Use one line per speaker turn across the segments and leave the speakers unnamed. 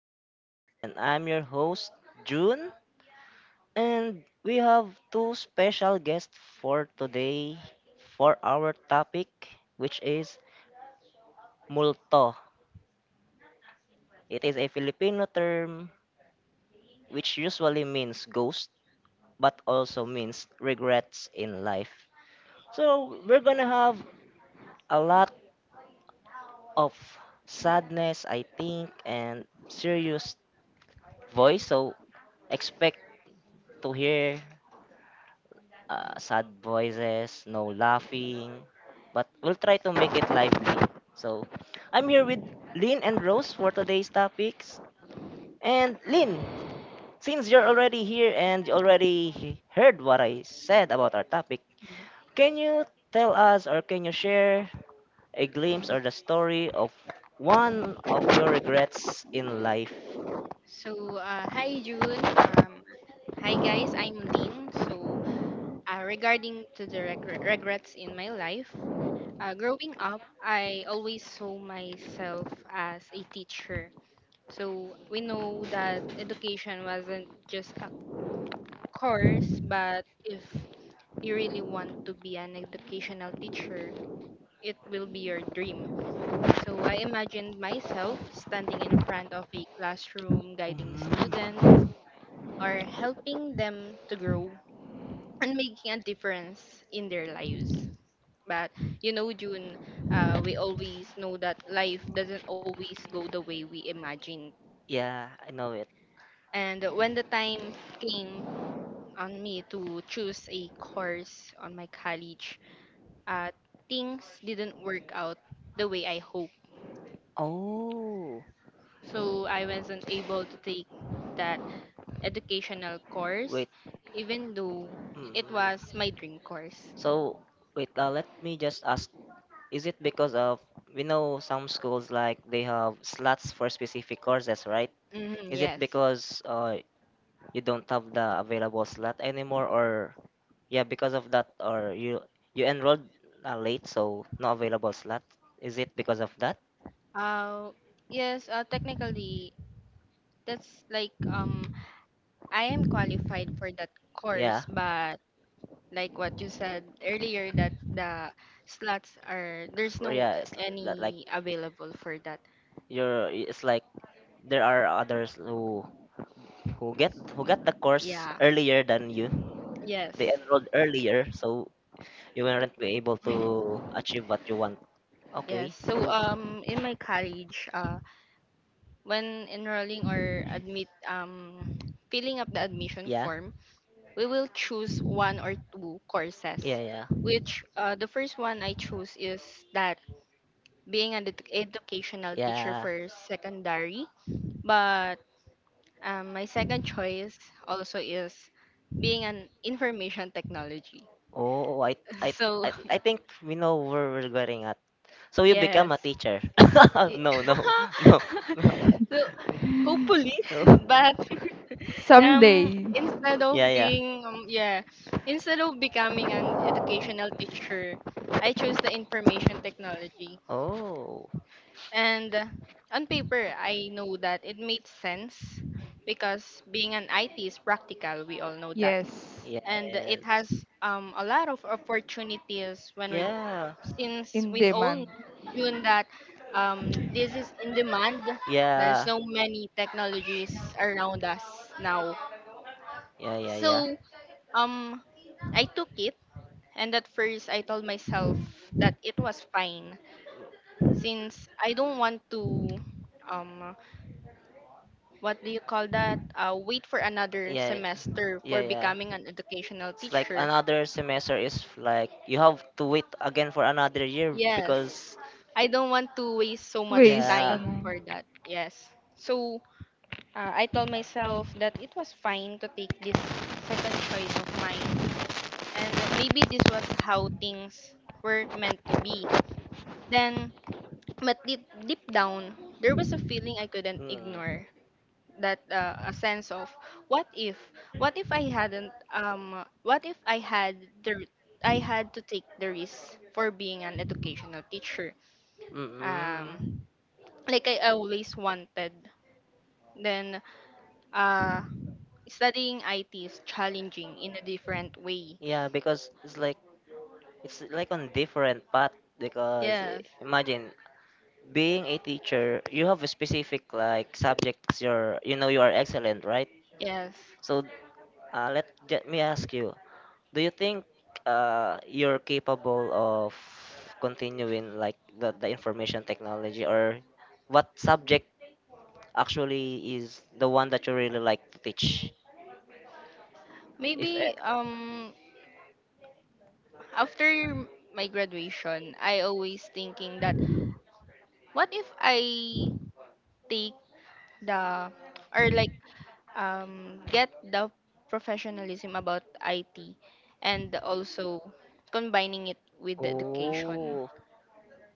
podcast, and I'm your host June, and we have two special guests for today for our topic, which is multo. It is a Filipino term which usually means ghost but also means regrets in life. So we're going to have a lot of sadness, I think, and serious voice, so expect to hear sad voices, no laughing, but we'll try to make it lively. So, I'm here with Lynn and Rose for today's topics. And Lynn, since you're already here and you already heard what I said about our topic,
Mhm.
can you tell us or can you share a glimpse or the story of one of your regrets in life?
So, hi June. Hi guys, I'm Lynn. So, regarding to the regrets in my life, growing up, I always saw myself as a teacher. So, we know that education wasn't just a course, but if you really want to be an educational teacher, it will be your dream. So I imagined myself standing in front of a classroom guiding the students,
Mm.
or helping them to grow and making a difference in their lives. But you know, June, we always know that life doesn't always go the way we imagine.
Yeah, I know it.
And when the time came on me to choose a course on my college, uh, things didn't work out the way I hoped.
Oh,
So I wasn't able to take that educational course,
wait.
even though it was
Mm.
my dream course.
So, wait, let me just ask, is it because of, we know some schools like they have slots for specific courses, right? Is
Mhm,
it
yes.
because you don't have the available slot anymore or yeah, because of that, or you enrolled late, so no available slot? Is it because of that?
Uh, yes, technically, that's like I am qualified for that
Yeah.
course, but like what you said earlier that the slots are there's
For,
no
yeah, it's that like
any available for that.
you're it's like there are others who get who got the course
Yeah.
earlier than you.
Yes.
They enrolled earlier, so you weren't be able
Hmm.
to achieve what you want.
Yes.
Okay,
So
so
in my college, when enrolling or admit filling up the admission
yeah,
form, we will choose one or two
yeah,
courses,
yeah,
which the first one I choose is that being an educational teacher
yeah.
for secondary, but my second choice also is being an information technology.
Oh, I,
So,
I, I think we know where we're getting at. So you become
yes.
a teacher? No, no, no, no,
So, hopefully.
no.
But
Someday.
instead of, yeah,
Yeah,
yeah,
yeah.
being yeah instead of becoming an educational teacher, I chose the information technology.
Oh,
And, on paper I know that it made sense because being an it is practical, we all know that.
Yes.
yes.
And it has, a lot of opportunities when we
Yeah.
since
In
we all know,
demand.
June, that, this is in demand. There's,
Yeah.
yeah, so many
Sh-
technologies around us now.
Yeah, yeah,
So,
yeah.
Um, I took it, and at first I told myself that it was fine since I don't want to, um, what do you call that? Wait for another
Yeah.
semester
Yeah,
for
yeah.
becoming an educational
It's like
teacher.
another semester is like you have to wait again for another year
Yes,
because
I don't want to waste so much
Ways,
yeah.
time
ano.
for that. Yes. So, I told myself that it was fine to take this second choice of mine, and maybe this was how things were meant to be. Then But deep, deep down, there was a feeling I couldn't
Mm.
ignore, that, a sense of what if what if, I hadn't what if I had the I had to take the risk for being an educational teacher,
Mm-mm.
um like I always wanted. Then, uh studying IT is challenging in a different way.
Yeah, because it's like on different path because eh,
Yes.
imagine being a teacher, you have a specific like subjects you're you know you are excellent, right?
Yes.
So let me ask you: do you think you're capable of continuing like the information technology, or what subject actually is the one that you really like to teach? If e-
Maybe, after my graduation, I always thinking that, what if I take the or like get the professionalism about IT, and also combining it with the education?
oh,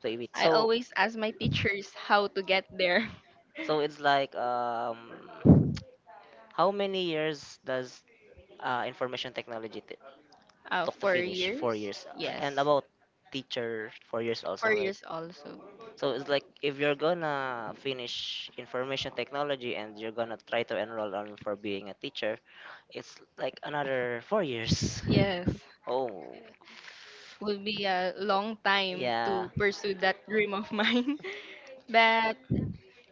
play with
I
so
always ask my teachers how to get there.
so it's like how many years does information technology talk to
Four
finish four
years?
years
Yes.
and about teacher 4 years also,
Four
right?
years also.
So it's like if you're gonna finish information technology and you're gonna try to enroll on for being a teacher, it's like another 4 years.
Yes.
Oh,
Would be a long time
yeah,
to pursue that dream of mine. But,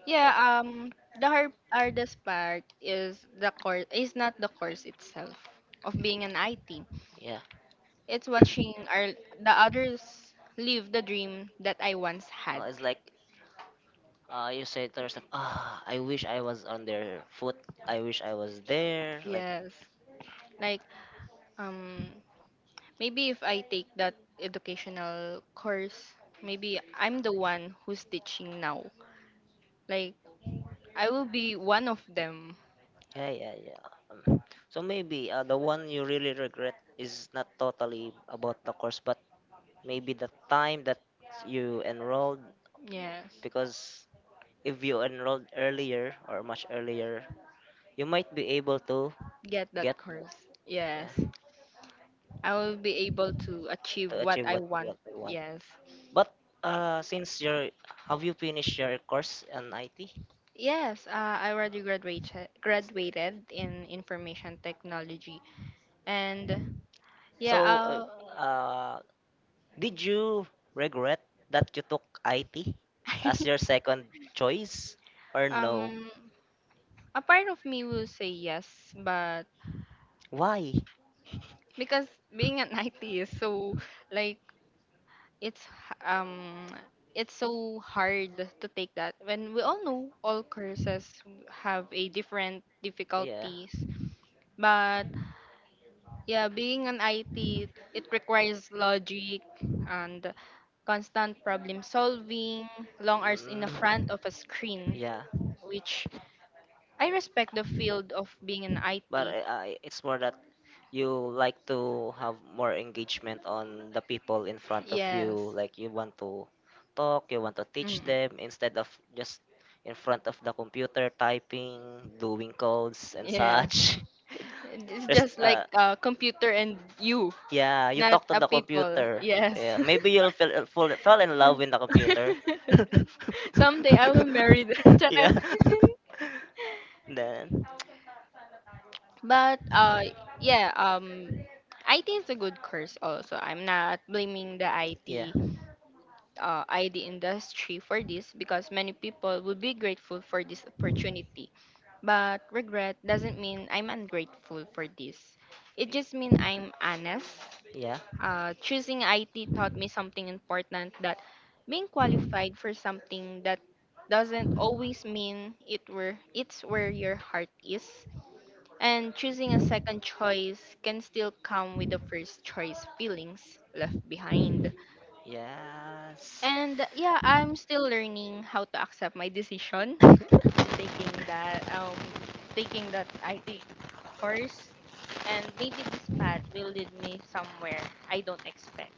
yeah, the hardest part is the course is not the course itself of being an IT.
yeah.
It's watching our the others live the dream that I once had.
It's like you say to yourself, ah, I wish I was on their foot, I wish I was there like
Yes. Like, um maybe if I take that educational course, maybe I'm the one who's teaching now. Like, I will be one of them.
yeah, yeah, yeah. Um, so maybe the one you really regret is not totally about the course, but maybe the time that you enrolled,
Yes.
because if you enrolled earlier or much earlier, you might be able to
Get
get
that course. Yes.
yeah,
I will be able to achieve
to
what
achieve
I
what
want.
you want.
Yes.
But since you're have you finished your course in it?
Yes, I already graduated in information technology, and yeah,
So
I'll.
uh did you regret that you took it as your second choice or no?
um a part of me will say yes, but
Why?
because being an IT is so, like, it's h- um it's so hard to take that when we all know all courses have a different
Yeah.
difficulties. Yeah, being an IT, it requires logic, and constant problem solving, long hours in the
Mm,
front of a screen,
yeah,
which I respect the field of being an
but
IT.
it's more that you like to have more engagement on the people in front of
Yes.
you. Like you want to talk, you want to teach
Mm-mm.
them instead of just in front of the computer typing, doing codes and
Yes.
such.
It's just
Rest,
like a computer and you,
yeah, you
not
talk to
a
the
people.
computer.
Yes.
Yeah, maybe you'll fall in love with the computer.
Someday I will marry the Charot.
Yeah. Then,
But yeah, um IT is a good course also. I'm not blaming the
yeah,
IT, ID industry for this, because many people would be grateful for this opportunity. But regret doesn't mean I'm ungrateful for this. It just means I'm honest.
yeah,
Choosing IT taught me something important, that being qualified for something that doesn't always mean it's where your heart is. And choosing a second choice can still come with the first choice feelings left behind.
yes.
And yeah, I'm still learning how to accept my decision. Taking that taking that IT course, and maybe this path will lead me somewhere I don't expect.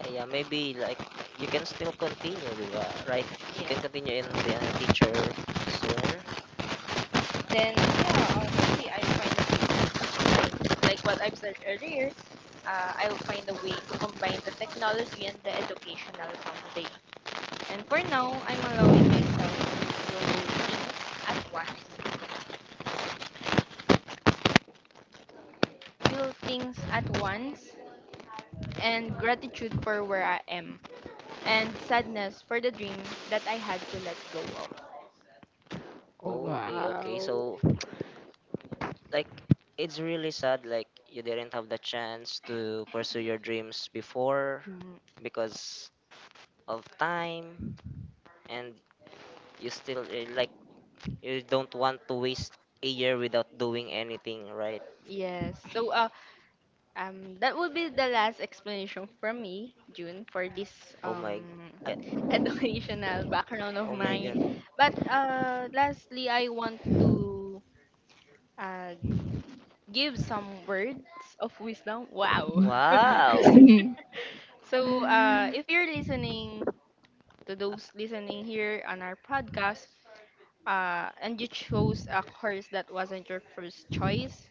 Yeah, yeah, maybe like you can still continue, di ba? Like you can
Yeah.
continue in being a teacher sooner.
Then, yeah, maybe I'll find a way to combine, like what I've said earlier, I'll find a way to combine the technology and the educational foundation. And for now, I'm allowing myself to think at once, feel things at once, and gratitude for where I am, and sadness for the dream that I had to let go of.
Okay, okay. So
Wow.
like it's really sad, like you didn't have the chance to pursue your dreams before
Mm,
because of time, and you still eh, like you don't want to waste a year without doing anything, right?
yes. So, that would be the last explanation from me, June, for this
Oh my,
um
I,
educational background of
oh my God.
mine. But, lastly, I want to uh give some words of wisdom. Wow.
Wow.
So, if you're listening, to those listening here on our podcast, and you chose a course that wasn't your first choice,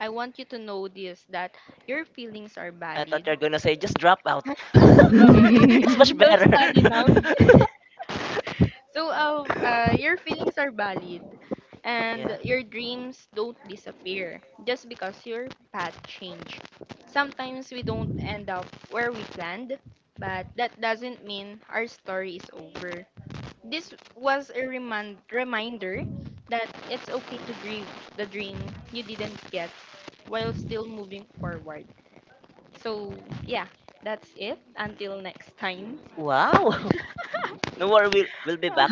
I want you to know this, that your feelings are
I
valid.
thought you're gonna say just drop out. It's much
Don't
better.
study now. So, your feelings are valid, and
Yeah.
your dreams don't disappear just because your path changed. Sometimes we don't end up where we planned, but that doesn't mean our story is over. This was a reminder that it's okay to grieve the dream you didn't get while still moving forward. So, yeah, that's it. Until next time.
Wow. No worry, we'll be back.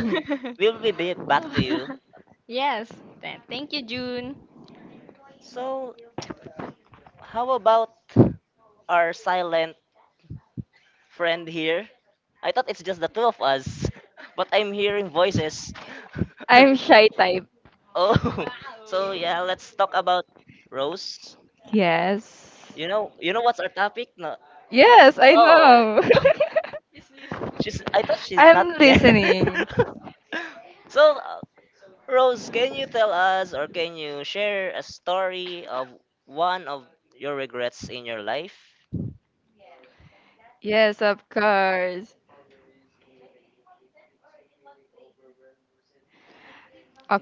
We'll be back to you.
Yes. Thank you, June.
So, how about our silent friend here? I thought it's just the two of us, but I'm hearing voices.
I'm shy type.
Oh, so yeah, let's talk about Rose.
Yes.
You know what's our topic? No.
Yes, I
Oh,
know.
she's. I thought she's not
I'm
there.
listening.
So, Rose, can you tell us or can you share a story of one of your regrets in your life?
Yes, of course.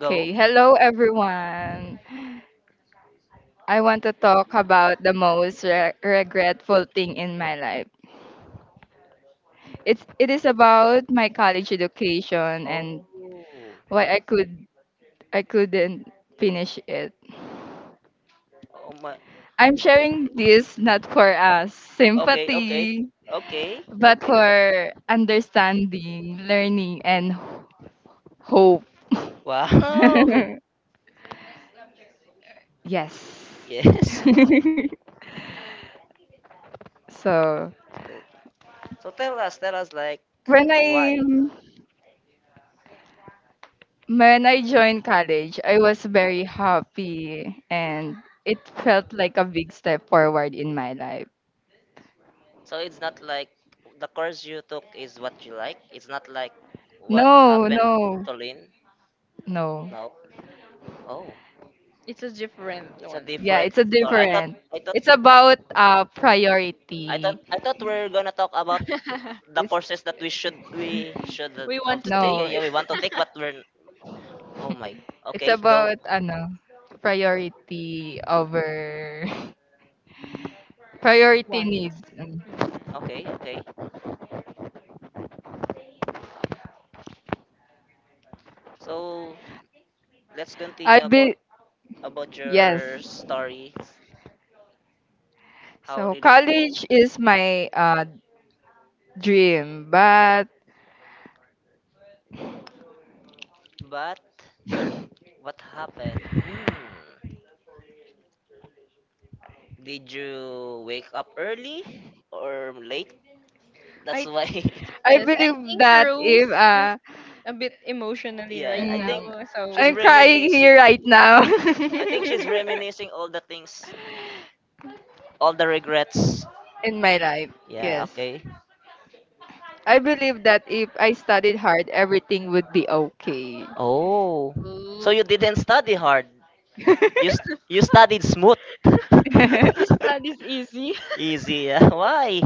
Go.
Hello, everyone. I want to talk about the most regretful thing in my life. It is about my college education and
Oh,
why I couldn't finish it.
oh my.
I'm sharing this not for us
Okay, okay,
sympathy,
okay,
but
okay.
for understanding, learning, and hope.
Wow.
Yes.
Yes.
so
So, so tell us like
when I
why.
When I joined college, I was very happy and it felt like a big step forward in my life.
So it's not like the course you took is what you like. It's not like what
No,
happened
no,
to Lynn.
no.
No. Oh,
It's a different
it's a
one.
Yeah,
different
it's a
story.
different.
I thought
It's about priority.
I thought we are gonna talk about the courses that
It's,
we should
We
have
want to take.
taken.
no,
Yeah, we want to take, but we're oh my.
it's
Okay, go.
about ano, priority over priority
One.
needs.
Mm.
Okay, okay. So let's
I
continue about
be Yes.
your stories. How
So
did it go?
college is my dream, but
But what happened? Hmm. Did you wake up early or late? That's
I
why.
I
yes, I
believe
think
that
Rose
if
is a bit emotionally
Yeah,
right
I
now.
think
mm,
So
she's
I'm crying here
reminiscing.
right now
I think she's reminiscing all the things, all the regrets.
in my life,
Yeah,
yes,
okay.
I believe that if I studied hard, everything would be okay.
Oh. So you didn't study hard. You you studied smooth.
that is easy.
Easy. Yeah. Why?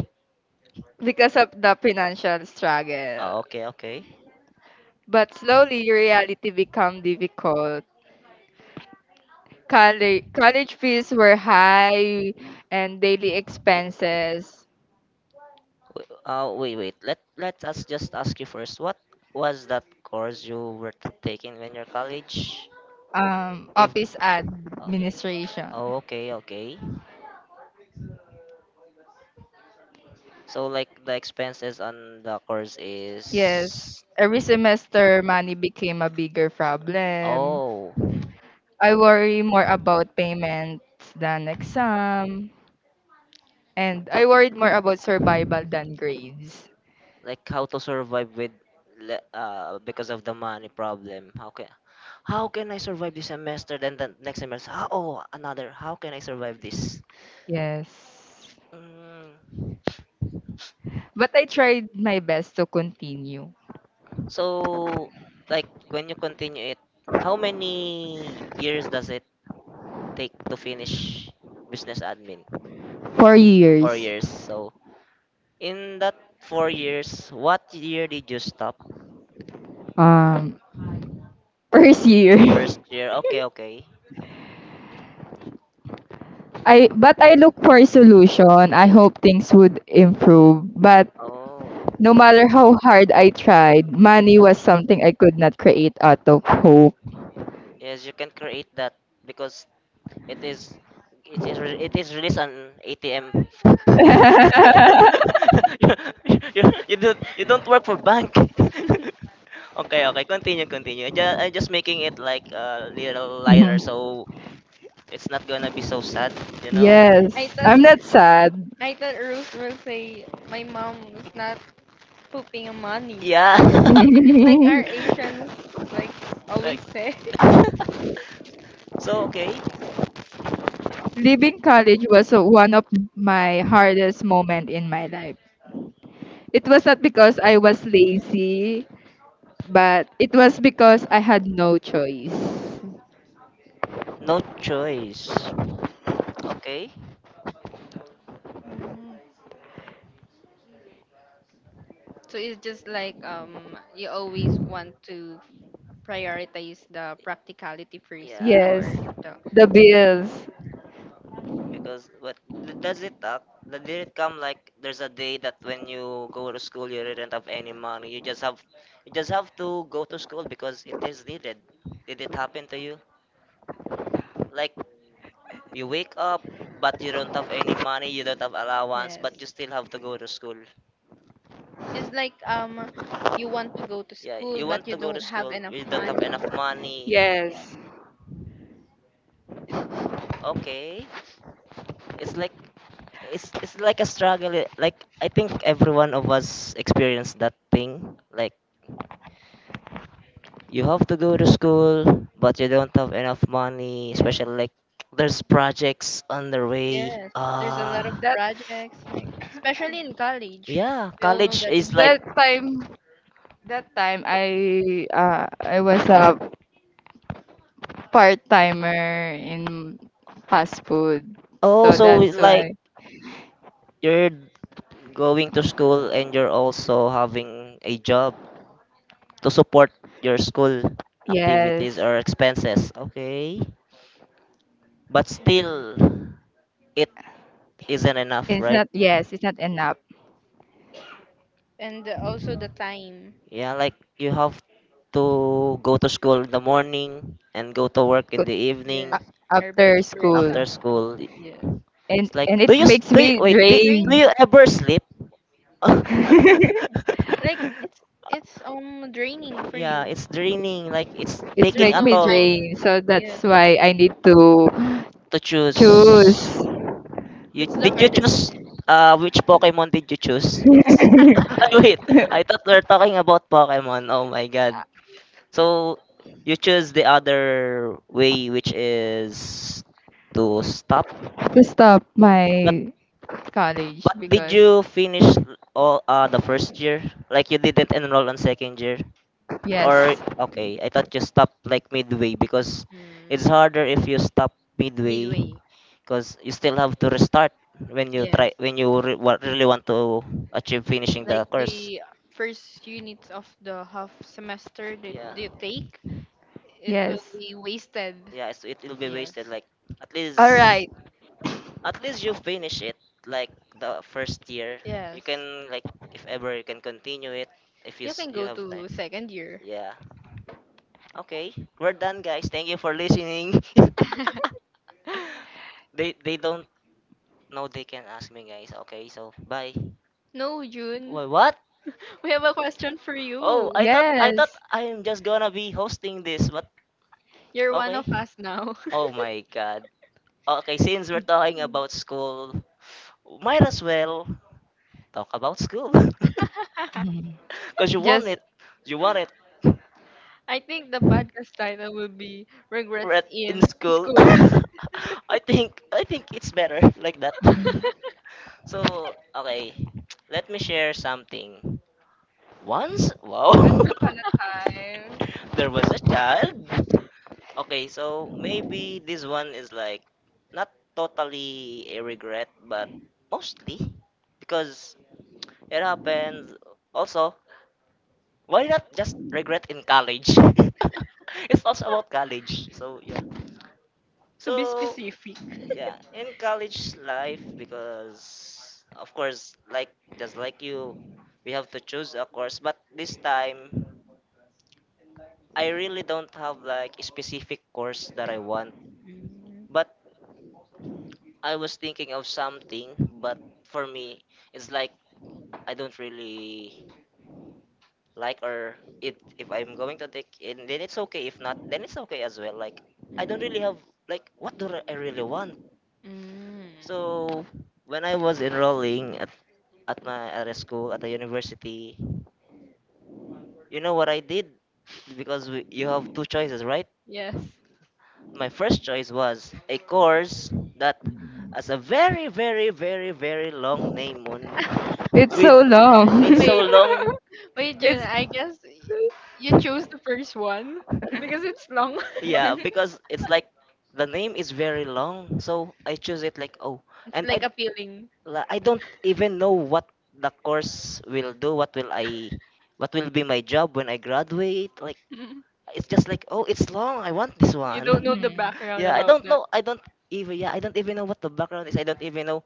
Because of the financial struggle.
Oh, okay, okay.
But slowly, your reality become difficult. College fees were high and daily expenses,
Wait. Let us just ask you first. What was that course you were taking in your college? If
office
uh,
administration.
oh, okay, okay. So like the expenses on the course
Yes,
is
every semester money became a bigger problem.
oh,
I worry more about payments than exam, and I worried more about survival than grades.
like how to survive with because of the money problem. How can I survive this semester? Then the next semester, ah, oh, another. How can I survive this?
Yes.
Mm,
But I tried my best to continue.
so, like when you continue it, how many years does it take to finish business admin?
Four
Four
years.
years. So, in that 4 years, what year did you stop?
Um, First year.
First year. Okay, okay.
I but I look for a solution. I hope things would improve. But
Oh,
no matter how hard I tried, money was something I could not create out of hope.
yes, you can create that because it is it is it is released on ATM. You don't work for bank. Okay, okay. Continue, continue. I just, I'm just making it like a little lighter
Mhm.
so it's not gonna be so sad, you know?
I
Yes,
thought
I'm not sad.
I thought Rose will say my mom was not pooping money, yeah.
Yeah.
Like our Asians, like, always
Like,
say.
so okay.
Leaving college was one of my hardest moment in my life. It was not because I was lazy, but it was because I had no choice.
No choice. Okay.
Mm. So it's just like, you always want to prioritize the practicality first
Yeah.
Yes,
before the.
the bills.
Because, but does it talk? Did it come like there's a day that when you go to school you didn't have any money? You just have to go to school because it is needed. Did it happen to you? Like you wake up, but you don't have any money, you don't have allowance, but you
Yes.
still have to go to school.
Just like, you want to go to
Yeah,
school
you
but
want
you
to go to
don't have
school,
enough
you don't have
money.
enough money.
Yeah.
Yes,
Okay, it's like it's like a struggle. Eh, like I think every one of us experienced that thing. Like you have to go to school, but you don't have enough money. Especially like there's projects on the way.
Yes, there's a lot of
Ah,
that
projects, like especially in college.
yeah,
We all know
college
that it's.
is like
that time that time I was a part timer in fast food, so
also
that's
like
why.
you're going to school and you're also having a job to support your school activities
Yes,
or expenses. Okay. But
Mm.
still, it isn't enough,
it's
right?
not. Yes, it's not enough
And also the time.
Yeah, like you have to go to school in the morning and go to work in the
a-
Yes,
evening
or
after
vice versa.
after
school,
school.
Yes,
and
It's like,
and
do
it
you, s-
makes
do you
me
wait,
it's
do, do
drain.
you
draining.
ever sleep?
Like, it's draining for
Yeah,
you.
it's draining. Like, it's
It's
There's
taking
make
a
no
me
toll.
drain.
time.
So
Yes,
that's why I need to
To choose.
choose
You,
that's the
did you
hardest
choose
thing.
which Pokemon did you choose? It, ah, wait, I thought we are talking about Pokemon. Oh my god. So you choose the other way, which is to stop.
to stop my college
But did
because
you finish all the first year? Like you didn't enroll on second year?
yes,
Or okay, I thought you stopped like midway because it's
Mm,
harder if you stop midway
midway.
because you still have to restart when you try
Yes,
when you really want to achieve finishing the
like
course.
the first units of the half semester that
Yeah,
you take, it will
yes.
be wasted.
yeah, so it will be
Yes.
wasted like at
All
least
right.
at least you finish it, like the
First.
first year you
Yes. Can.
can like if ever you can continue it if you
You can
you
go have
have time.
to second year.
Yeah, okay, we're done, guys, thank you for listening.
Yeah,
They don't know they can ask me, guys, okay, so bye.
no, June.
What?
We have a question for you.
Oh,
Thought.
I
Yes.
thought I'm just gonna be hosting this, but
You're one
okay.
of us now.
Oh my god. Okay, since we're talking about school, might as well talk about school.
Mhm.
Cause you want
Just
it. You want it
I think the podcast title will be Regrets
right in
in
school.
School.
I think it's better like that. So okay, let me share something. Once, wow,
Once upon a time.
there was a child. Okay, so maybe this one is like not totally a regret, but mostly because it happens. Also, why not just regret in college? It's also about college. So yeah.
To be, oh,
So
specific.
yeah, in college life, because of course, like just like you, we have to choose a course. But this time, I really don't have like a specific course that I want.
Mm,
But I was thinking of something, but for me, it's like I don't really like or it. If I'm going to take it, then it's okay. If not, then it's okay as well. Like I don't really
mm,
have like what do I really want.
mm.
So when I was enrolling at my at a school at a university, you know what I did because you have two choices, right?
Yes.
My first choice was a course that has a very, very, very, very long name on
It's so
with
long.
it's so
Wait,
long.
wait, June,
It's
I guess you chose the first one because it's long.
Yeah, because it's like the name is very long, so I choose it like oh,
It's
and I
like then appealing.
I don't even know what the course will do. What will what will be my job when I graduate? Like it's just like oh, it's long. I want this
Mm. You don't know
one.
the
Mm.
background
yeah, I
about
don't
that.
know. I don't even know what the background is. I don't even know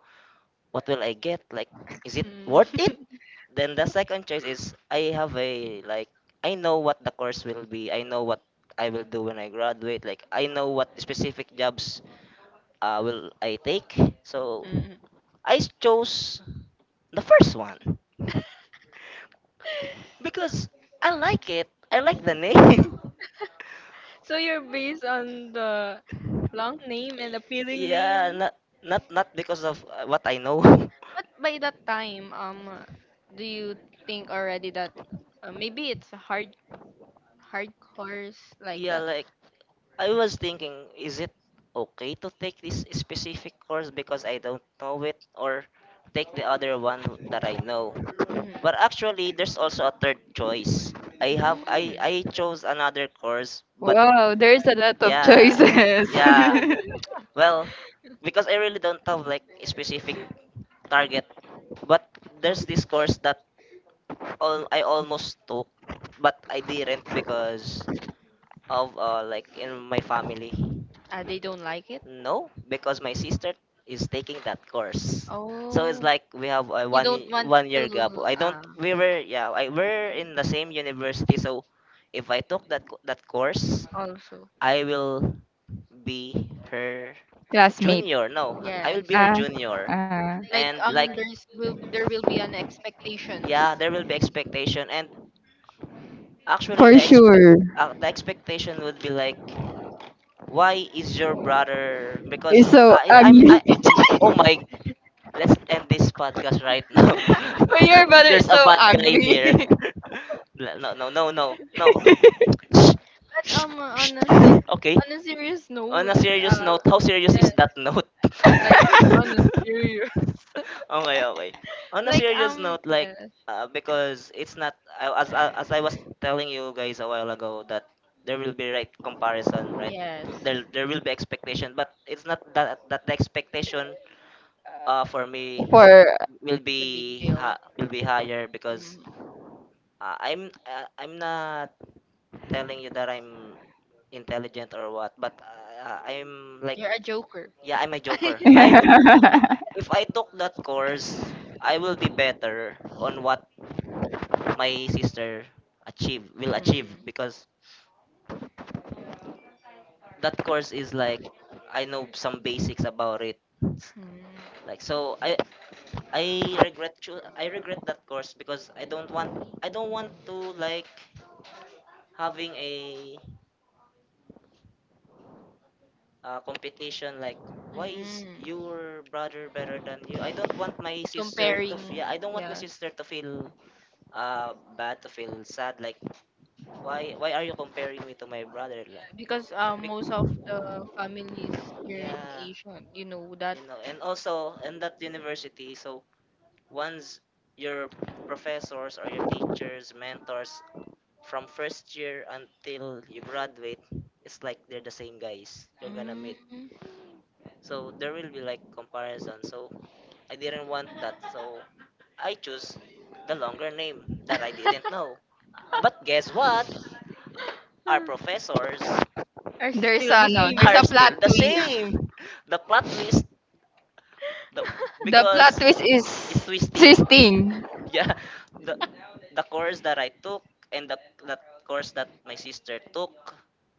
what will I get? Like, is it
Mm.
worth it? Then the second choice is I have a like I know what the course will be. I know what I will do when I graduate. Like I know what specific jobs will I take. So
Mm.
I chose the first one because I like it. I like the name.
So you're based on the long name and appealing
yeah,
name.
not because of what I know.
But by that time, do you think already that, maybe it's a hardcores like
yeah,
that?
like I was thinking, is it okay to take this specific course because I don't know it, or take the other one that I know?
Mm.
But actually, there's also a third choice. I have
Mm.
I chose another course, but
Wow, there's a lot of
yeah.
choices.
Yeah. Well, because I really don't have like a specific target, but there's this course that all I almost took, but I didn't because of like in my family.
Ah, they don't like it.
No, because my sister is taking that course. So it's
Oh,
like we have a
you don't want
one
to.
year gap. I don't
Ah,
we were yeah, I we're in the same university, so if I took that that course,
also.
I will be her
Classmate.
junior. No, I will
Yes.
be her
Ah,
junior.
ah.
Like,
And like
there will be an expectations.
yeah, there will be expectation, and actually
For
the ex-
sure.
the expectation would be like why is your brother
You're
because
so ugly.
I oh my. Let's end this podcast right now.
But your brother
There's
is
a
so
bad guy here.
ugly.
no, no, no, no, no. Shh,
But
shh, shh. Okay.
on a serious
On
note,
a serious
uh
note, how serious
yeah,
is that note?
like on a serious.
okay, okay. On a
Like,
serious note, like,
yes.
because it's not as I was telling you guys a while ago that there will be right comparison, right?
Yes,
There will be expectation, but it's not that the expectation for me
For
will
the big
be
deal.
will be higher because
Mm.
I'm not telling you that I'm intelligent or what, but I'm like
You're a joker.
yeah, I'm a joker. I'm if I took that course, I will be better on what my sister achieve will achieve
Mm.
because that course is like I know some basics about it. S-
Mm.
Like so I regret I regret that course because I don't want to like having a competition like why is
Mm.
your brother better than you? I don't want my sister to
Comparing, yeah,
feel bad, to feel sad, like why are you comparing me to my brother like
because, most
bec-
of the families here in
yeah,
Asia, you know that.
you know, and
Mm.
also in that university, so once your professors or your teachers mentors from first year until you graduate, it's like they're the same guys you're gonna meet, so there will be like comparison, so I didn't want that, so I chose the longer name that I didn't know. But guess what? Our professors
Are. They're
there's
still the
a
not.
no,
Same.
there's
are
a plot
still the
twist.
same. The plot twist, the
The plot
because
twist is
it's twisting.
twisting.
Yeah, the the course that I took and the that course that my sister took,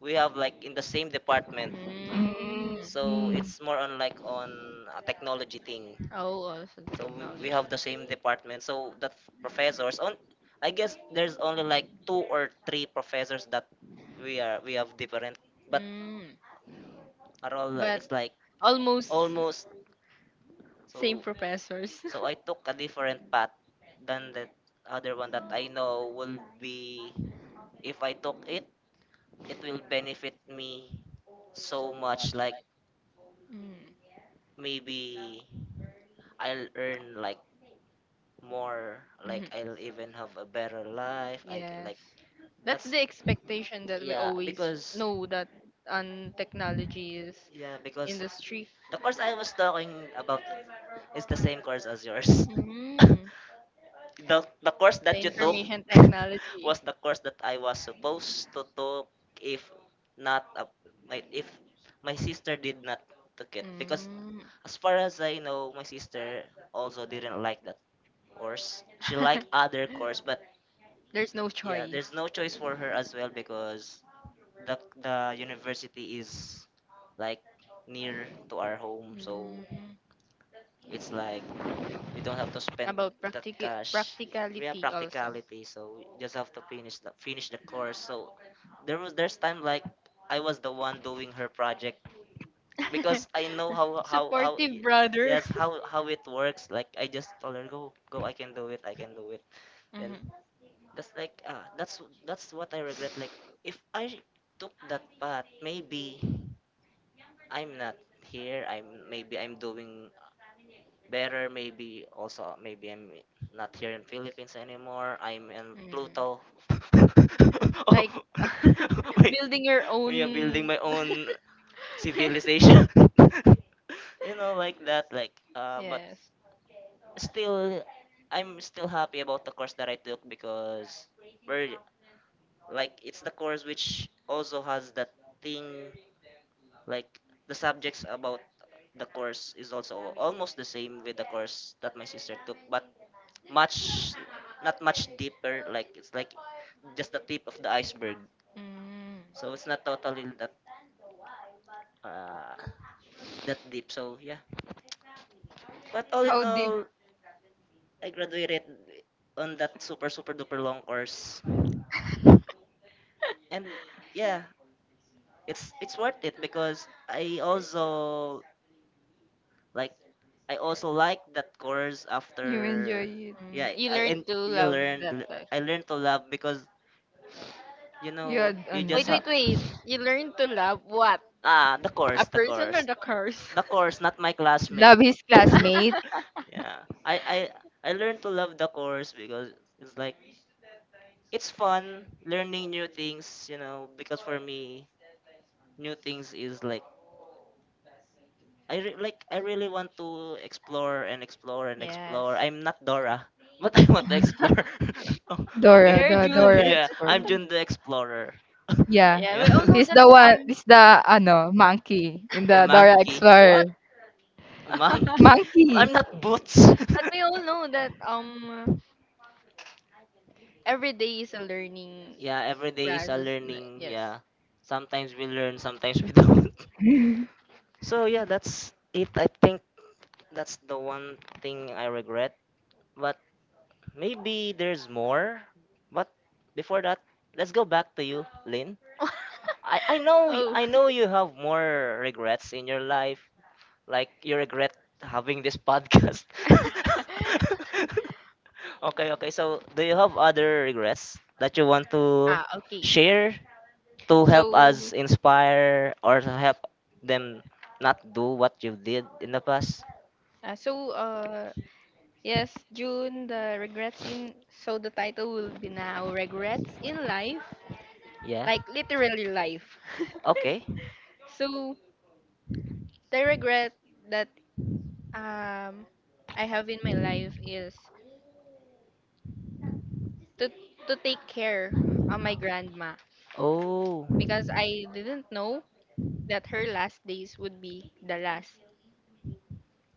we have like in the same department.
Mm.
So
Mm.
it's more on like on a technology thing.
Oh, also
So we
technology.
have the same department. So the professors on I guess there's only like two or three professors that we have different, but
Mm.
are all like
But
it's like
almost.
almost,
Same
so
professors.
so I took a different path than that other one that I know will be if I took it, it will benefit me so much like
Mm,
maybe I'll earn like more
mhm.
like I'll even have a better life I
Yes.
like.
That's
That's
the expectation that we
yeah,
always
because
know, that on technology is
yeah, because
industry.
the course I was talking about is the same course as yours.
Mm.
the
The
the course that you took
information technology.
was the course that I was supposed to took if not my if my sister did not took it because
Mm.
as far as I know my sister also didn't like that course, she liked other course, but
There's no
yeah,
choice.
there's no choice for her as well because the university is like near to our home, so
Mm.
it's like we don't have to spend
About
that cash, we have
practicality also.
practicality, so we just have to finish the course. So there's time like I was the one doing her project because I know how
Supportive brother.
yes, how it works, like I just told her go go, I can do it, I can do it, then
Mhm.
that's like ah that's what I regret. Like if I took that path maybe I'm not here. I'm maybe I'm doing better. Maybe also maybe I'm not here in Philippines anymore. I'm in
Mm.
Pluto. oh,
Like,
wait,
building your
we are building
own.
my own civilization. you know, like that. Like, but
Yes.
still, I'm still happy about the course that I took because we're like it's the course which also has that thing. Like the subjects about the course is also almost the same with the course that my sister took, but much not much deeper. Like it's like just the tip of the iceberg.
Mm.
So it's not totally that uh, that deep. So yeah. But all in
How deep
all, I graduated on that super super duper long course, and yeah, it's worth it because like I also like that course
you enjoy
after.
it?
Mm. Yeah,
Yeah,
you
I
learn
and
to
you
love that
learn.
life.
I learned to love because you
You
know
had
you just
Wait,
ano?
wait, wait. You learn to love what?
ah
Ah,
the
a
course,
person or course, the curse?
the course, not my
Love
classmate.
his classmate.
yeah, I learned to love the course because it's like it's fun learning new things, you know, because for me new things is like like I really want to explore and explore and
Yes.
explore. I'm not Dora, but I want to explore. oh, okay.
Dora,
You're
the Dora
June.
yeah,
expert.
I'm June the Explorer.
Yeah.
Yeah,
yeah.
we all know
He's
that
the one, he's the ano, monkey in
The
the Dora
monkey. What?
Explorer.
A
Mom.
monkey?
Monkey.
I'm not Boots.
But we all know that every day is a learning
yeah, every day is a
process.
learning.
Yes.
Yeah. Sometimes we learn, sometimes we don't. So yeah, that's it. I think that's the one thing I regret. But maybe there's more, but before that, let's go back to you, Lynn. I know
Oh.
I know you have more regrets in your life. Like you regret having this podcast. okay, okay. So do you have other regrets that you want to
Ah, okay.
share to
to
help us
So,
inspire or to help them not do what you did in the past?
uh, so uh yes, June, the regrets in, so the title will be now, regrets in life.
Yeah.
Like literally life.
Okay.
So, the regret that, um I have in my life, is to to take care of my grandma,
Oh.
because I didn't know that her last days would be the last.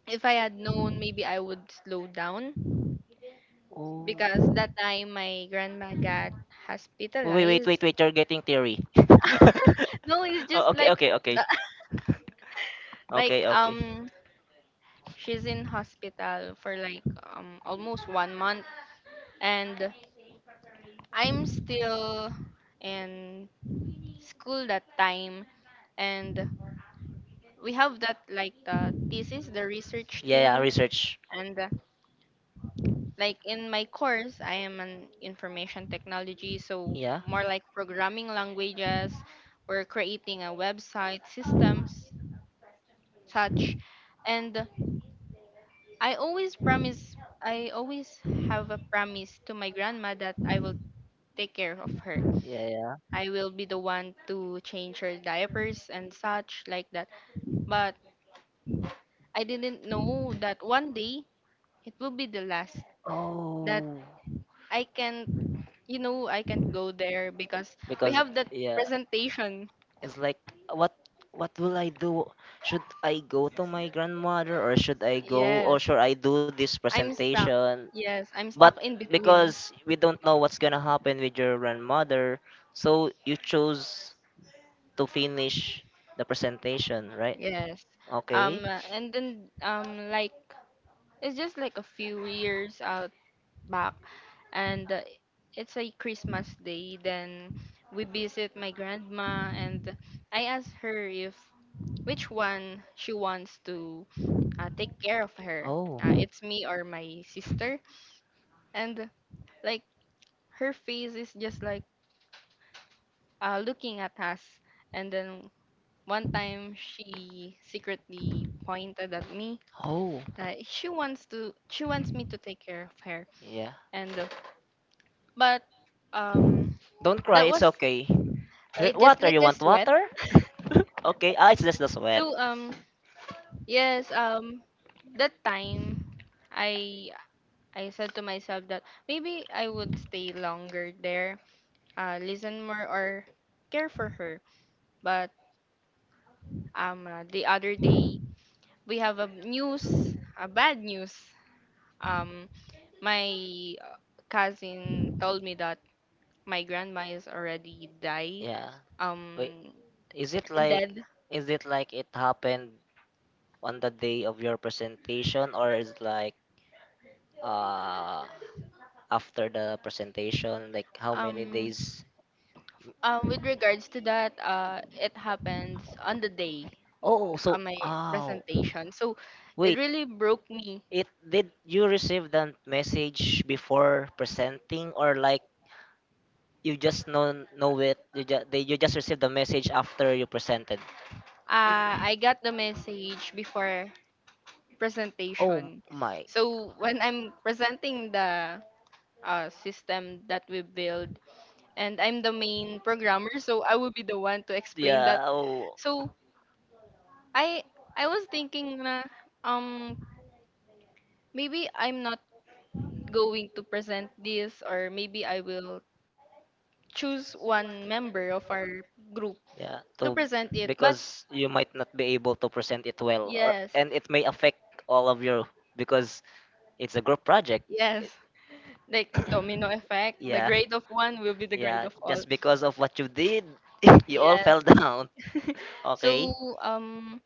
If I had known, maybe I would slow down,
Oh.
because that time my grandma got
Wait, wait,
hospitalized.
wait, wait. You're getting theory.
No, it's just
oh,
like na- like
okay, okay.
she's in hospital for like almost one month and I'm still in school that time, and we have that, like, the thesis, the research
Yeah, yeah,
thing.
research.
And like in my course, I am an information technology, so
Yeah,
more like programming languages. We're creating a website systems such. And I always promise, I always have a promise to my grandma that I will take care of her.
yeah, yeah.
I will be the one to change her diapers and such like that. But I didn't know that one day it will be the last, that
Oh,
I can't, I can't go there because we
because
have that
yeah,
presentation.
it's like what what will I do, should I go to my grandmother or should I go or
Yes.
should I do this
I'm stuck.
presentation?
Yes, I'm
But
stuck in between.
because we don't know what's gonna happen with your grandmother, so you chose to finish the presentation, right?
Yes.
Okay.
And then Like, it's just like a few years out back. And It's a Christmas day. Then we visit my grandma, and I ask her if which one she wants to take care of her.
Oh.
It's me or my sister, and like, her face is just like, looking at us. And then one time she secretly pointed at me.
Oh
She wants me to take care of her.
yeah,
And but um
don't cry,
that
it's
was,
okay. Hey,
it just
Water,
like
you
a
want
sweat.
water? okay, ah, it's just the sweat.
So yes, that time I I said to myself that maybe I would stay longer there, listen more or care for her. But the other day we have a news, a bad news. Um my cousin told me that my grandma is already die.
Yeah. Wait,
Um
is it like
dead.
it happened on the day of your presentation, or is it like uh after the presentation, like how many
Um,
days?
with regards to that, it happens on the day.
Oh, so
On my
oh.
presentation. So it
Wait,
really broke me.
it did you receive the message before presenting or like you just know it, you just they you just received the message after you presented?
I got the message before
Oh
presentation.
my.
So when I'm presenting the system that we build, and I'm the main programmer, so I will be the one to explain that.
Yeah. Oh.
So I I was thinking na um maybe I'm not going to present this, or maybe I will choose one member of our group
Yeah.
to
To
present it. But
because you might not be able to present it well, or,
yes.
and it may affect all of you because it's a group project. It-
Yes, like domino effect. The
yeah.
grade of one will be the grade
Yeah.
of all.
Just because of what you did, you all fell
Yes.
down.
Okay.
Okay.
So um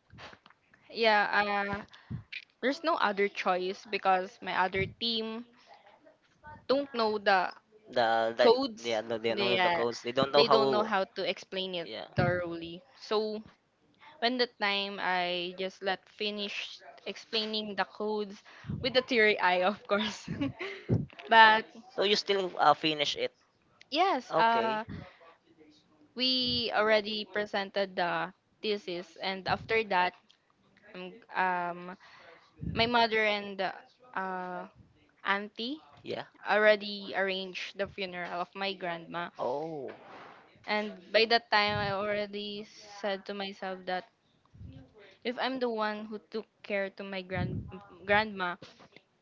yeah, there's no other choice because my other team don't know the— The, yeah,
The
codes.
yeah. No, they don't
They
know
know,
the codes. They don't know
they how don't to know
how.
how to explain it
Yeah.
thoroughly. So when the time I just let finish explaining the codes, with the teary eye, of course. But
So you still finish it.
yes,
Okay.
we already presented the thesis, and after that, um, um my mother and uh auntie
Yeah.
already arranged the funeral of my grandma.
Oh.
And by that time I already said to myself that if I'm the one who took care to my grandma,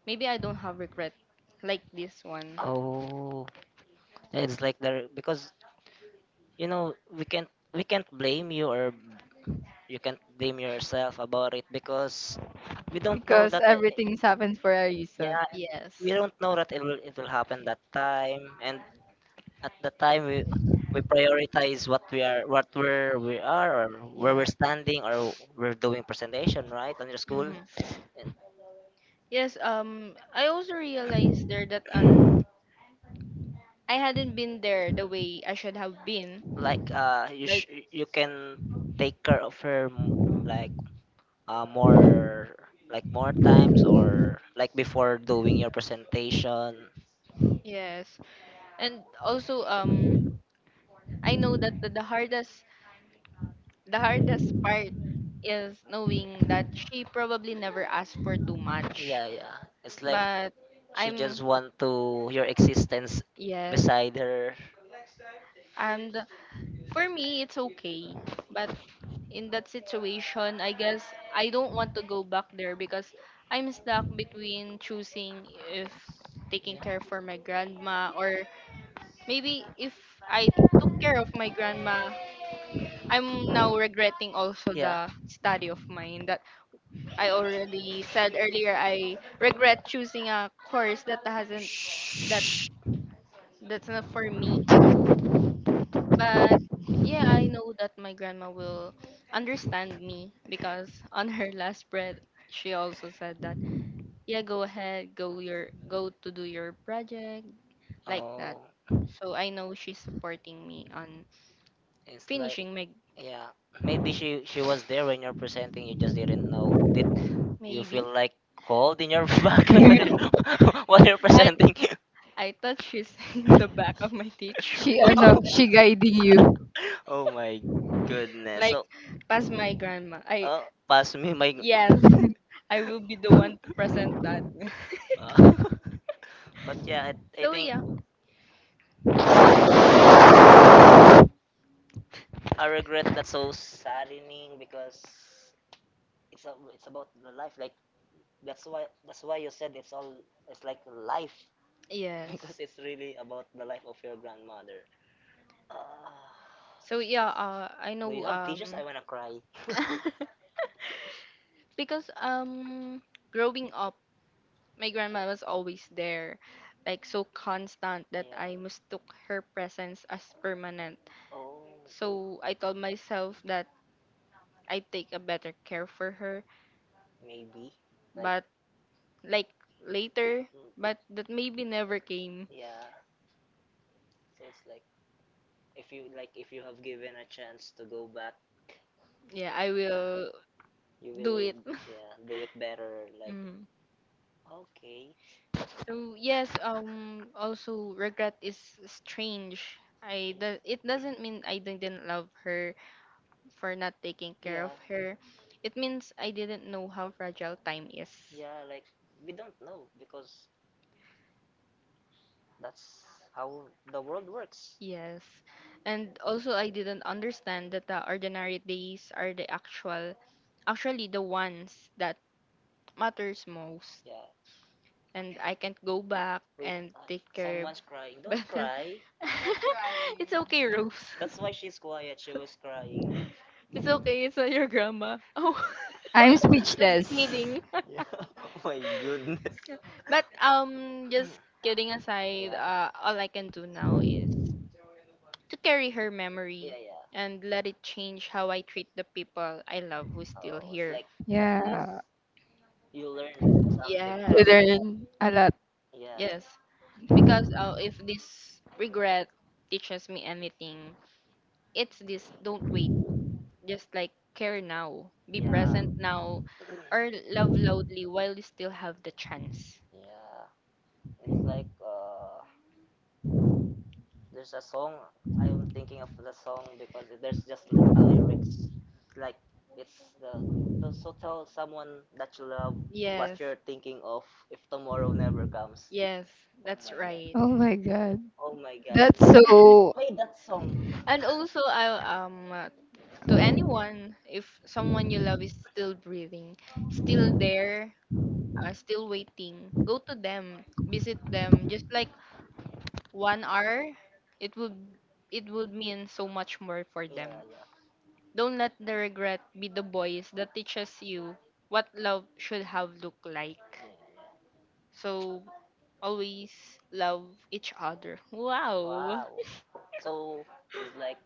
maybe I don't have regret like this one.
Oh. It's like the because we can't blame you, or you can't blame yourself about it because we don't know
Because
that
everything's happened for a reason.
yeah,
Yes.
we don't know that it will happen that time. And at the time, we prioritize what we are what where we are, or where we're
Yes.
standing, or we're doing presentation, right, on your school.
Mm-hmm.
And
Yes, I also realized there that, I hadn't been there the way I should have been.
like
Like,
you can take care of her, like, uh, more more times, or like before doing your presentation.
yes, and also, I know that the, the hardest part is knowing that she probably never asked for too much.
Yeah, yeah, it's like
But
she just
I'm—
want to your existence
yes,
beside her.
and for me it's okay. But in that situation, I guess I don't want to go back there because I'm stuck between choosing if taking
Yeah,
care for my grandma or— Maybe if I took care of my grandma, I'm now regretting also
yeah.
the study of mine, that I already said earlier. I regret choosing a course that hasn't— that— that's not for me. But yeah, I know that my grandma will understand me because on her last breath she also said that yeah, go ahead, go to do your project, like that.
Oh,
So I know she's supporting me on
it's like,
finishing my—
yeah, maybe she was there when you're presenting, you just didn't know. Did you
Maybe.
feel like cold in your back while you're while you're
I
presenting?
I thought she's in the back of my teacher.
She ano, she guiding you.
Oh my goodness.
Like
Like, so,
past my grandma.
I,
I—
pass me my.
yes, I will be the one to present that.
But yeah, I
So
think,
yeah.
uh, I regret, that's so saddening because it's about the life. Like, that's why you said, it's all, it's like life,
Yes.
because it's really about the life of your grandmother. Ah,
So yeah, I
do you
know
have tissues? I wanna cry.
because growing up, my grandma was always there, like so constant that I
Yeah.
mistook her presence as permanent.
Oh.
So I told myself that I'd take a better care for her,
Maybe. Like,
but like, later,
mm,
but that maybe never came.
yeah. So it's like, if you have given a chance to go back,
Yeah, I will
you
do
will,
it.
yeah, do it better. Like,
Mm.
okay,
So yes, also regret is strange. I do, it doesn't mean I didn't love her. For not taking care of
yeah,
her. It means I didn't know how fragile time is.
yeah. Like, we don't know because that's how the world works.
Yes. And also I didn't understand that the ordinary days are the actually the ones that matters most.
Yeah.
And I can't go back
Wait,
and take care
someone's crying. Don't
better.
cry.
It's okay, Rose.
That's why she's quiet. She was crying.
It's okay, it's not your grandma. Oh,
I'm
just
speechless.
kidding.
Yeah. Oh my goodness.
Yeah. But just kidding aside,
Yeah.
all I can do now is to carry her memory
Yeah.
and let it change how I treat the people I
Yeah.
love who's
So
still
it's
here.
like, at least
Yeah.
you learn something
Yes,
You
from,
learn a lot.
yeah,
yes. Because, if this regret teaches me anything, it's this: don't wait. Just like, care now, be
yeah,
present now, or love loudly while you still have the chance.
yeah. It's like, there's a song. I'm thinking of the song because there's just a lyrics, like, it's the so tell someone that you love
What? Yes.
what you're thinking of if tomorrow never comes.
Yes, oh that's
My
right.
God.
Oh my God.
Oh my God.
That's so
Hey, that song.
And also, I, to anyone, if someone you love is still breathing, still there, still waiting, go to them, visit them. Just like one hour, it would it would mean so much more for them.
Yeah, yeah.
Don't let the regret be the voice that teaches you what love should have looked like.
Yeah, yeah.
So always love each other. Wow.
Wow. So it's like,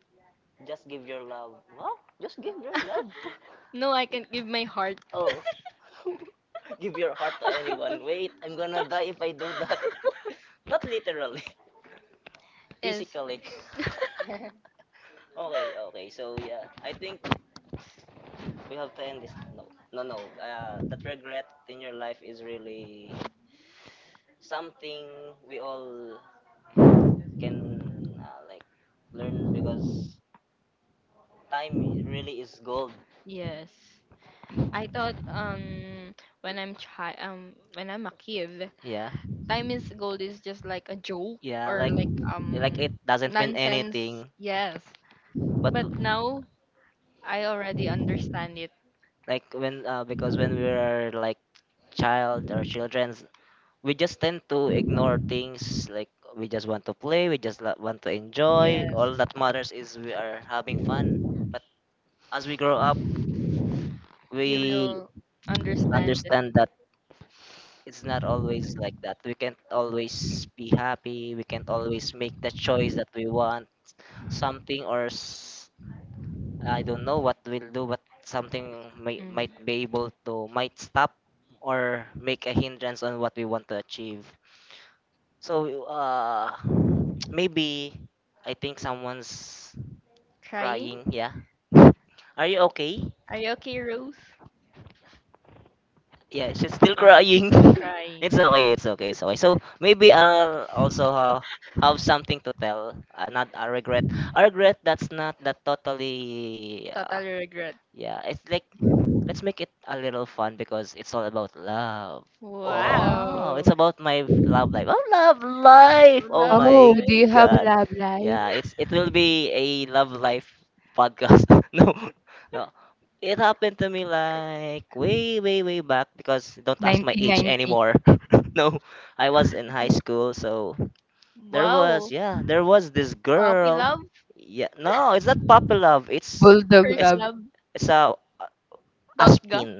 just give your love. Wow, just give your love.
No, I can give my heart.
Oh, give your heart to anyone. Wait, I'm gonna die if I do that. Not literally,
Yes.
physically. Okay, okay. So yeah, I think we have to end this. No, no, no. That regret in your life is really something we all can, like, learn because time really is gold.
Yes. I thought when I'm a kid,
Yeah,
time is gold is just like a joke
yeah,
or
like like it
um
doesn't mean
nonsense.
anything.
Yes.
But
But now I already understand it.
like when because when we are like child or children's, we just tend to ignore things, like, we just want to play, we just want to enjoy,
Yes.
all that matters is we are having fun. But as we grow up,
You
we
will understand.
understand that it's not always like that, we can't always be happy, we can't always make the choice that we want. Something or I don't know what will do, but something
Hmm.
might be able to, might stop or make a hindrance on what we want to achieve. So, maybe I think someone's
Crying?
crying. Yeah, are you okay?
Are you okay, Rose?
Yeah, she's
You're
still crying.
crying.
It's okay. It's okay. It's okay. So maybe I'll also, have something to tell. Not a regret. A regret that's not that totally. Uh,
Total regret.
yeah, it's like, let's make it a little fun because it's all about love. Oh,
Wow.
it's about my love life. Oh, love life. Oh
Love
Oh,
my
do you
life.
have
god.
Love Live?
Yeah, it will be a love life podcast. No, no. It happened to me like way, way, way back because don't ask my age
1990.
anymore. No, I was in high school, so there was
Wow.
yeah, there was this
Puppy
girl.
love.
Yeah, no, it's not puppy love.
Bulldog
First
It's
Love,
love.
it's a
Dot ga.
Aspin.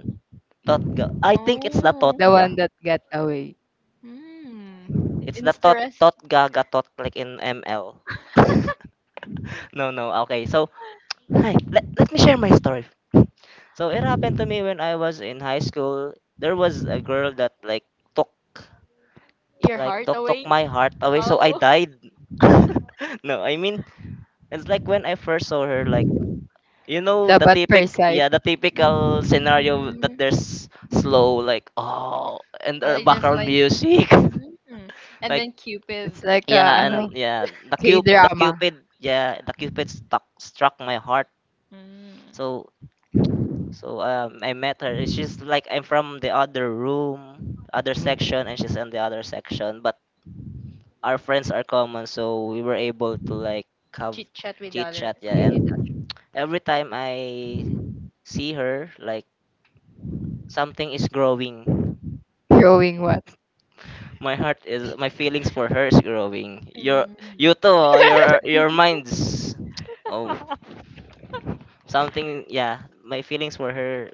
Totga. I think it's the
Oh.
the
Totga.
one that got away.
Hmm.
It's the
Interest
Totga Gatot like in ML. No, no. Okay. So, hi. Let me share my story. So, it happened to me when I was in high school. There was a girl that like took
your
like
heart
took took
away.
my heart away. So, I
Oh.
died. No, I mean, it's like, when I first saw her, like, the
Dapat per
typic
side.
yeah, the typical scenario that
Mm.
there's slow, like, oh, and
Oh, it's just
background
like.
music.
Hmm. And then
Like,
Cupid.
It's like
yeah,
a,
and
Like.
ano,
yeah, the the
K-drama.
cupid, yeah, the cupid stuck struck my heart.
Hmm.
So so, I met her. She's like, I'm from the other room, other section,
Mm.
and she's in the other section. But our friends are common, so we were able to like have
Chit chat with
chit
other.
chat. Yeah, and every time I see her, like something is growing.
Growing what?
My feelings for her is growing. Your,
Mm.
you too. Oh, your minds. Oh. something Yeah, my feelings for her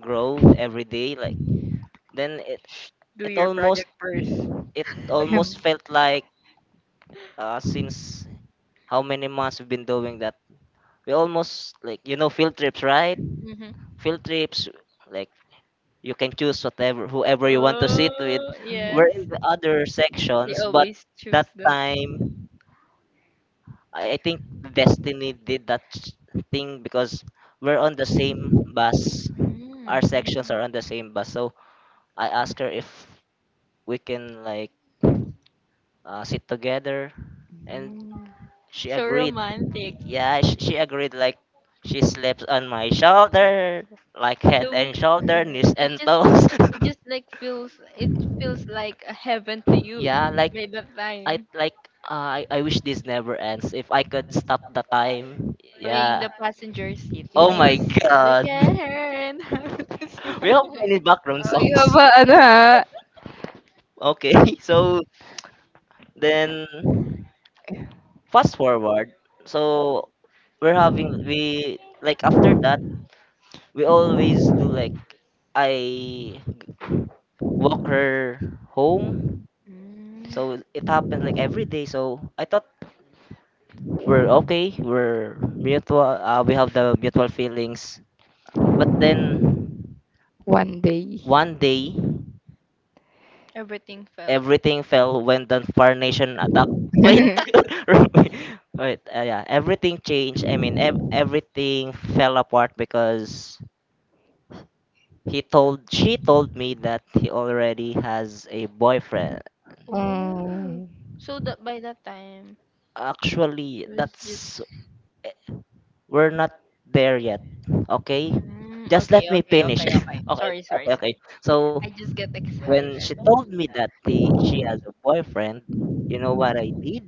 grow every day, like, then
Do
it
your
almost
project first.
it
Him.
almost felt like, since how many months we've been doing that, we almost, like, you know, field trips, right?
Mm-hmm.
Field trips, like, you can choose whatever whoever you want to sit with.
Oh,
Mhm.
We're in
yes.
the other
You
sections, but
always choose
that
that.
time, I think destiny did that thing because we're on the same bus,
Mm.
our sections are on the same bus. So I asked her if we can, like, sit together, and
Mm.
she
So
agreed.
romantic.
Y- Yeah, she agreed. Like, she slept on my shoulder, like, head
So
and shoulder, knees
it
and
just— just-
toes.
it just like feels— it feels like a heaven to you
Yeah, like,
by the
I
time
like I wish this never ends. If I could stop the time,
playing the
yeah.
passenger seat.
Oh my
Yes.
Look at
god.
her and how to
We have
smile.
many background
Oh, you have
songs.
a, ano ha?
Okay, so then fast forward. So we, like, after that, we always do, like, I walk her home.
Mm,
So it happened like every day. So I thought we're okay. We're mutual. We have the mutual feelings. But then
One day.
one day
everything felt.
everything fell when the Nation attack. Wait, wait. Yeah, everything changed. I mean, everything fell apart because He told she told me that he already has a boyfriend.
Oh,
Mm.
so that by that time
Actually,
it was just.
that's we're not there yet. Okay?
Mm,
Just let
okay,
me
okay,
finish.
okay, okay.
Okay,
Sorry, sorry,
okay, okay. So
I just get
when she
excited.
told me that she has a boyfriend, you know what I did?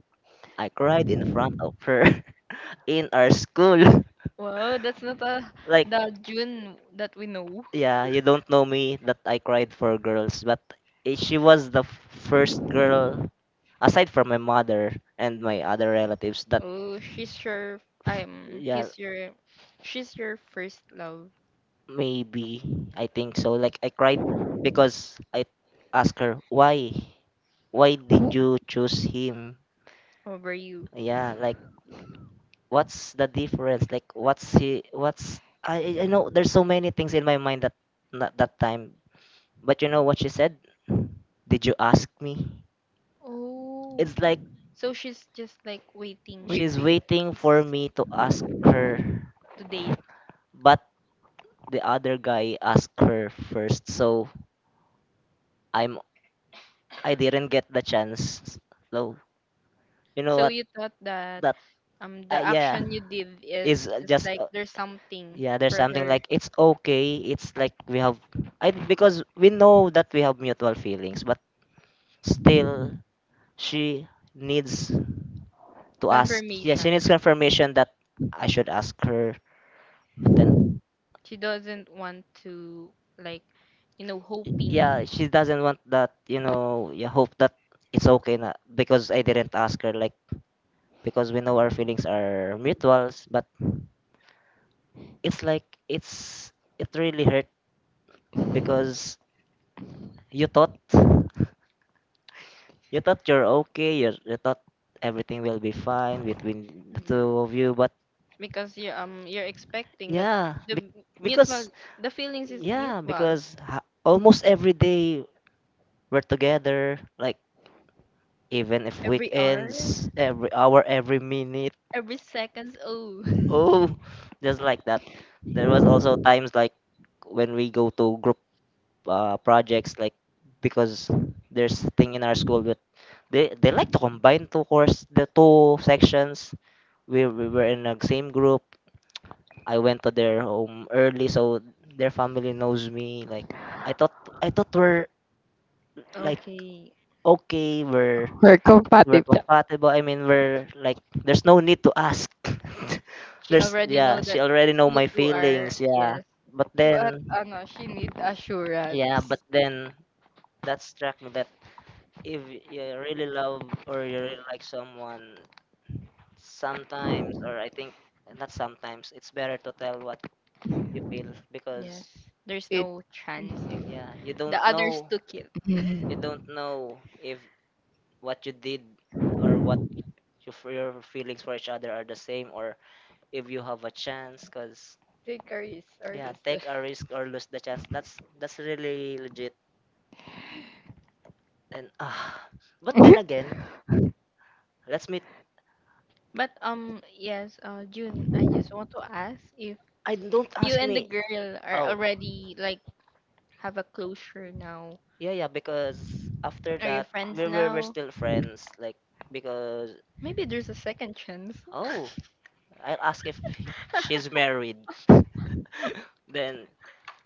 I cried in front of her in our school.
Wow, that's not a—
Like,
the June that we know.
yeah, you don't know me that I cried for girls, but she was the first girl aside from my mother and my other relatives that,
Oh, she's your, yeah,
yeah,
he's your, she's your first love
maybe I think so. Like, I cried because I asked her why did you choose him?
over you.
Yeah, like, what's the difference? Like, what's he what's I know there's so many things in my mind that, not that time. But you know what she said? Did you ask me?
Oh,
It's like,
so she's just like waiting
Wait,
she's
yeah.
waiting for me to ask her,
to date.
but the other guy asked her first, so I'm I didn't get the chance. So you know
So
what?
you thought that,
That,
the
yeah,
action you did is,
is, just,
like, there's something
yeah. There's
for
something,
her
like, it's okay. It's like, we have I, because we know that we have mutual feelings, but still, she needs to ask. Yeah, she
confirmation.
needs confirmation that I should ask her. But then,
She doesn't want to, like, you know, hoping.
yeah, she doesn't want that, yeah, hope that it's okay na because I didn't ask her, like, because we know our feelings are mutuals, but it's like, it really hurt because you thought you thought you're okay, you thought everything will be fine between the two of you, but
Because you, you're expecting that— Yeah.
yeah,
The mutual—
because,
the feelings is
yeah,
mutual,
because almost every day we're together, like, even if
every hour,
weekends, every hour, every minute.
every seconds, oh.
Oh, just like that. There was also times like when we go to group, projects, like, because there's thing in our school that they like to combine two course the two sections. We were in the same group. I went to their home early, so their family knows me. Like, I thought I thought we're like,
Okay,
okay, we're
We're
we're
compatible.
compatible. I mean, we're like there's no need to ask.
she
there's
already know
Yeah,
that
she already know
you
my
two are—
feelings. Yeah,
yes,
but
But,
then,
ano, she need
yeah,
assurance.
but then that struck me that, if you really love or you really like someone, sometimes, or I think not sometimes, it's better to tell what you feel
yes,
because,
there's
It,
no chance if,
yeah, you
yeah,
don't
the others
know
took it.
you
Mm.
don't know if what you did or your feelings for each other are the same, or if you have a chance, cuz,
Take a
yeah, take
risk.
a chance. Risk or lose the chance. That's really legit. And, but then again, let's meet.
But yes, June, I just want to ask if
I don't
you
ask
and the
me.
girl are
Oh,
already, like, have a closure now.
yeah, yeah. Because after
Are you
that,
friends
we're
now?
still friends. Like, because,
Maybe there's a second chance.
oh, I'll ask if she's married. Then,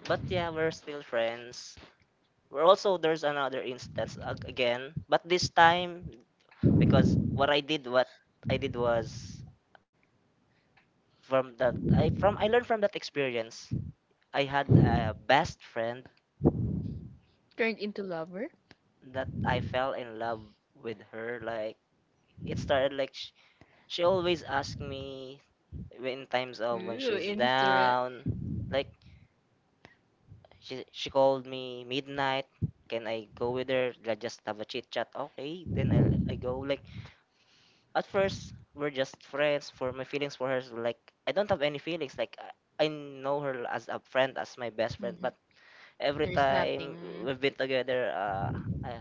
but yeah, we're still friends. We're also There's another instance again, but this time, because what I did was, from that I from I learned from that experience. I had a best friend
Turned into lover?
that I fell in love with her. Like, it started like, she always asked me in times of when
Ooh,
she's
instant.
down. Like, she called me midnight. Can I go with her? Like, just have a chit chat. Okay, then I go. Like, at first, we're just friends. For my feelings for her, is like, I don't have any feelings. Like, I know
Hmm.
her as a friend, as my best friend, but every
There's nothing.
time we've been together, I,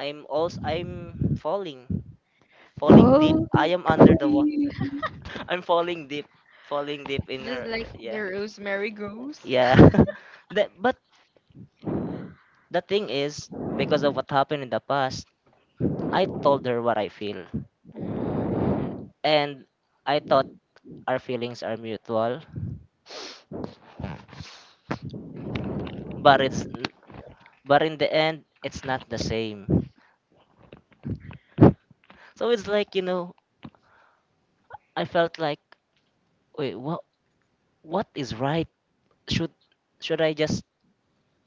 I'm falling, falling deep.
Oh,
I am under the water.
you.
I'm falling deep in
Just
her.
like the
Yeah,
rosemary goes.
yeah. But the thing is, because of what happened in the past, I told her what I feel,
Mm,
and I thought our feelings are mutual. But it's n- but in the end, it's not the same. So it's like I felt like, wait, what is right? Should should I just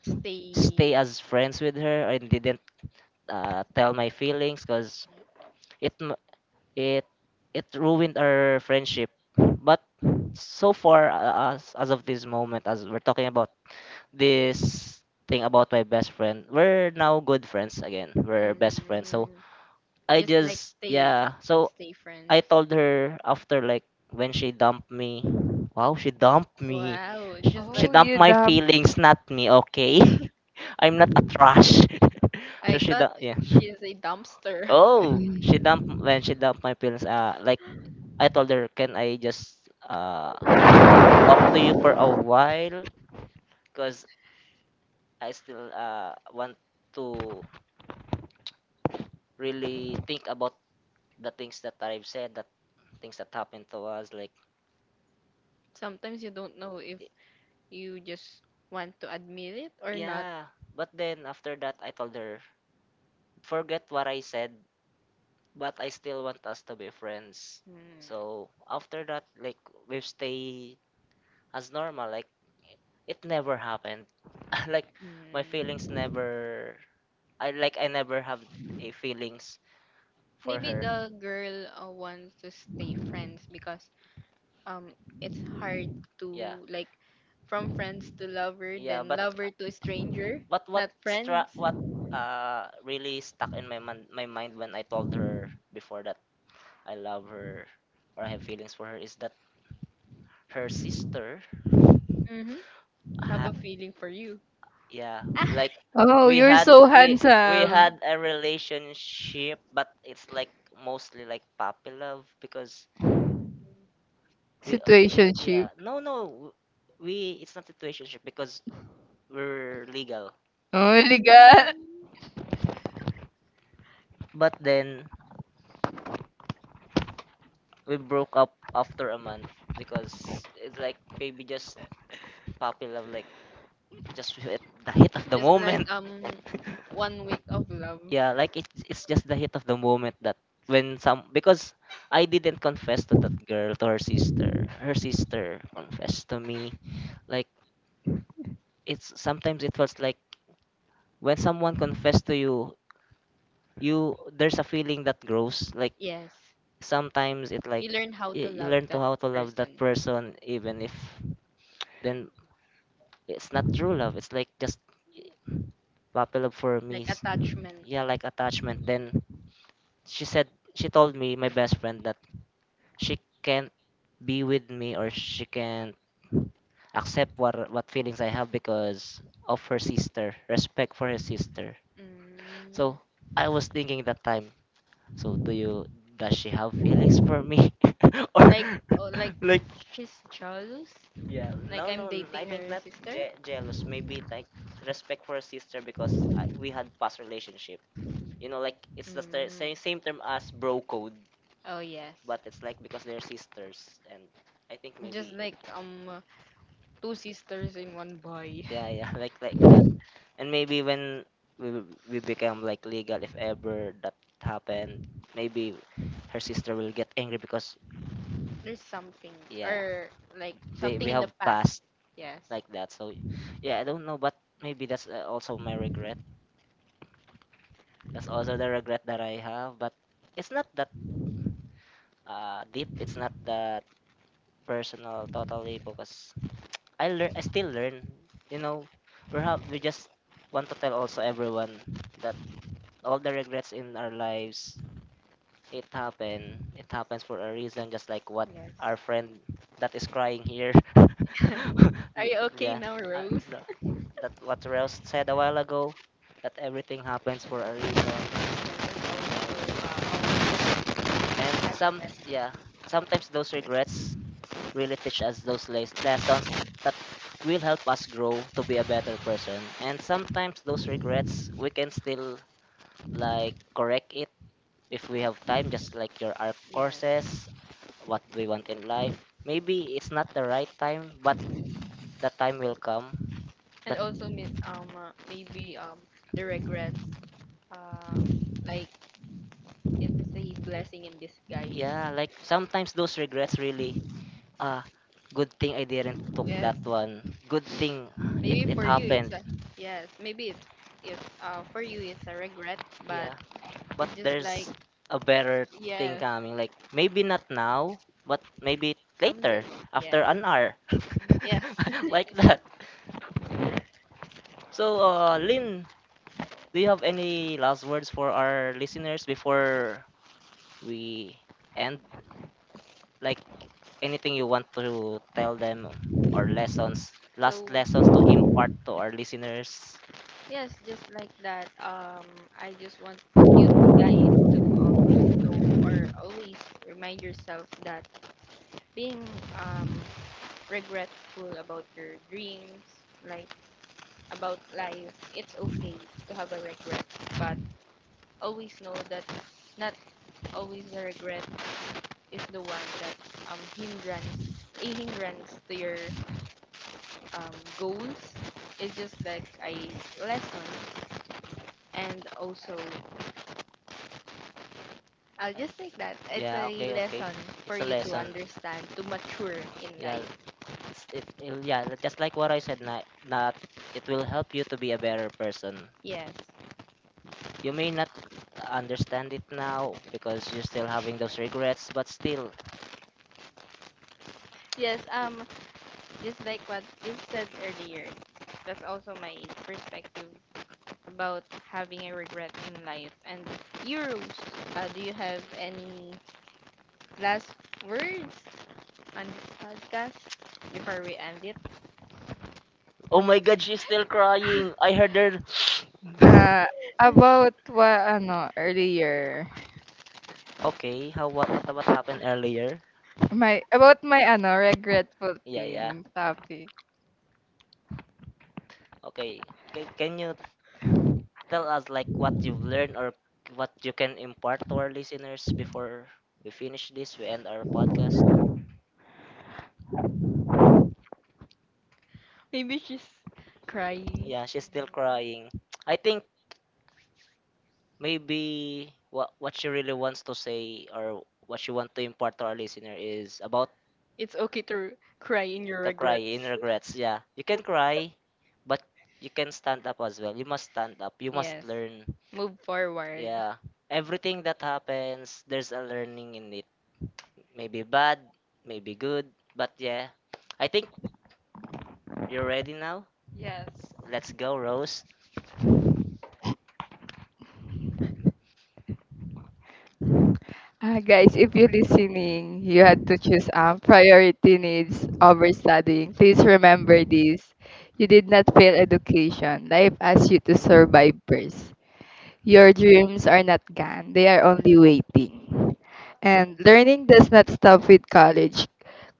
stay.
stay as friends with her and didn't tell my feelings because it m- it it ruined our friendship but so far as of this moment as we're talking about this thing about my best friend, we're now good friends again, we're best friends. So
Mm,
I
just like
just
stay,
yeah so
stay friend.
I told her after, like, when she dumped me. Wow, she dumped me.
Wow.
She,
Just
she
Oh,
like—
you
dumped my
dumb.
feelings, not me. Okay, I'm not a trash.
I
So she
thought
dumped. Yeah.
she's a dumpster.
Oh, she dumped when she dumped my feelings. Like I told her, can I just talk to you for a while? Cause I still want to really think about the things that I've said, that things that happened to us, like,
Sometimes you don't know if you just want to admit it or not.
yeah, but then after that, I told her, forget what I said, but I still want us to be friends.
Mm.
So after that, like, we stay as normal. Like it never happened. Like
Mm.
my feelings never. I, I never have a feelings for
Maybe
her.
the girl, wants to stay friends because, um it's hard— Yeah. To
Yeah,
like, from friends to lover, yeah,
yeah,
then but
but
lover to stranger,
What
but
what
not what's friends.
stra-
Tra-
what really stuck in my my mind when I told her before that I love her or I have feelings for her is that her sister
Mm-hmm. Have a
ha-
feeling for you.
yeah, like
Oh,
we
you're
had
so
we we
handsome.
had a relationship, but it's like mostly like puppy love because
Mm.
we it,
Situationship.
yeah no, we it's not situationship because we're legal,
Oh my God.
but then we broke up after a month because it's like baby, just puppy love, like just with the hit of the
It's— oh, like
moment.
really? One week of love.
Yeah,
Yeah.
like it's just the hit of the moment that when some because I didn't confess to that girl, to her sister, her sister confessed to me. Like it's sometimes it feels like when someone confessed to you, there's a feeling that grows, like
Yes.
sometimes it like
You learn how
you,
to
you
love
learn to how to love that
person.
person even if then it's not true love, it's like just puppy love for me
Like
is-
attachment.
Yeah, like attachment. Then she said, she told me, my best friend, that she can't be with me, or she can't accept what feelings I have because of her sister, respect for her sister.
Mm.
So I was thinking that time. So do you, does she have feelings for me, or
Like, oh, like,
like,
she's jealous.
yeah, no
Like I'm
no n- I
dating
think
her
not.
sister.
Jealous maybe, like respect for her sister because I, we had past relationship, you know, like it's the
Mm.
same, same term as bro code,
Oh yes.
but it's like because they're sisters and I think
Just
maybe,
like, two sisters in one boy.
yeah, yeah, like that. And maybe when we become like legal, if ever that happened, maybe her sister will get angry because,
There's something,
yeah,
or like,
they,
something
we
in the
have
past.
passed
Yes.
like that. So yeah, I don't know, but maybe that's also my regret, that's also the regret that I have, but it's not that deep, it's not that personal totally because I learn. I still learn. You know, we just want to tell also everyone that all the regrets in our lives, it happened. It happens for a reason. Just like what
Yes.
our friend that is crying here.
Are you okay
Yeah,
now,
uh,
Rose?
th- that what Rels said a while ago. That everything happens for a reason. Yeah, and some yeah. Sometimes those regrets really teach us those lessons that will help us grow to be a better person. And sometimes those regrets, we can still like correct it if we have time, just like your art
Yes.
courses, what do we want in life. Maybe it's not the right time, but the time will come.
And
That
also mi- maybe the regrets, uh like, it is a blessing in disguise.
yeah, like sometimes those regrets really, ah, good thing I didn't took
Yes,
that one. Good thing
maybe
it
for you it's
happened.
a— yes, maybe it's— it's, for you it's a regret, but
Yeah, but
it's just like—
there's a better thing
yes,
coming. Like maybe not now, but maybe
someday.
later after an hour,
Yes, yes.
like that. So, Lynn, do you have any last words for our listeners before we end? Like anything you want to tell them, or lessons,
So
last lessons to impart to our listeners?
yes, just like that. I just want you guys to always know, or always remind yourself, that being, um regretful about your dreams, like about life, it's okay to have a regret, but always know that not always the regret is the one that, hindrance, a hindrance to your, um goals. It's just like a lesson. And also I'll
Uh,
just take that it's
Yeah,
a
okay, okay.
lesson for
It's a
you to
lesson.
understand, to mature in
Yeah,
life.
It's yeah, just like what I said, na, not, it will help you to be a better person.
Yes.
Y- You may not understand it now because you're still having those regrets, but still.
Yes,
y-
just like what you said earlier, that's also my perspective about having a regret in life. And euros, do you have any last words on this podcast before we end it.
Oh my god, she's still crying. I heard her.
Uh, about what, ano, earlier.
Okay, how, what happened earlier?
My, about my, ano, regretful
Yeah, yeah.
thing topic.
Okay. Can you tell us like what you've learned or what you can impart to our listeners before we end our podcast?
Maybe she's crying.
Yeah, she's still crying. I think maybe what she really wants to say, or what she want to impart to our listener is about
It's okay to cry in your
the cry in
regrets.
regrets. Yeah, you can cry, but you can stand up as well. You must stand up. You must
Yes.
learn.
Move forward.
Yeah, everything that happens, there's a learning in it. Maybe bad, maybe good, but yeah, I think you're ready now.
Yes.
Let's go, Rose.
Guys, if you're listening, you had to choose priority needs over studying. Please remember this. You did not fail education. Life asked you to survive first. Your dreams are not gone, they are only waiting.
Uh,
And learning does not stop with college,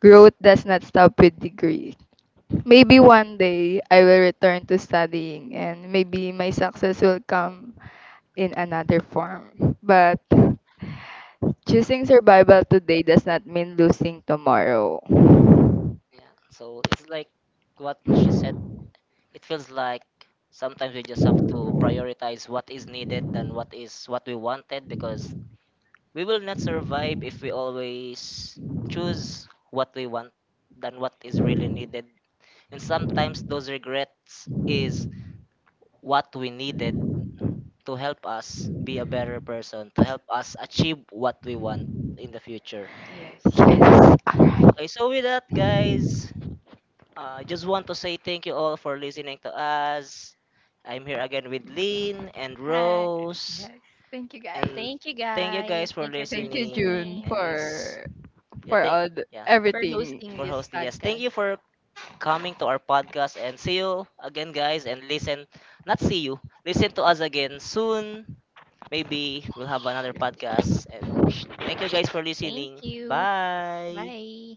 growth does not stop with degree. Maybe one day I will return to studying, and maybe my success will come in another form. But choosing survival today does not mean losing tomorrow.
yeah. So it's like what she said, it feels like sometimes we just have to prioritize what is needed than what is what we wanted, because we will not survive if we always choose what we want than what is really needed. And sometimes those regrets is what we needed to help us be a better person, to help us achieve what we want in the future.
Yeah, yes.
Yes.
Okay, so with that, guys, I just want to say thank you all for listening to us. I'm here again with Lynn and
Hi.
Rose.
Yes.
Thank
Thank you,
you,
guys.
And
thank you
thank you
guys.
guys
Guys.
for
Thank you for
Thank you,
listening.
June,
listening,
And s-
for
yeah,
for
thank
all the,
yeah
for
everything.
hosting
for
this us.
hosting. Yes, thank you
Podcast.
for coming to our podcast. And see you again, guys. And listen, not see you. Listen to us again soon. Maybe we'll have another podcast. And thank you guys for
Thank
listening.
you.
Bye.
Bye.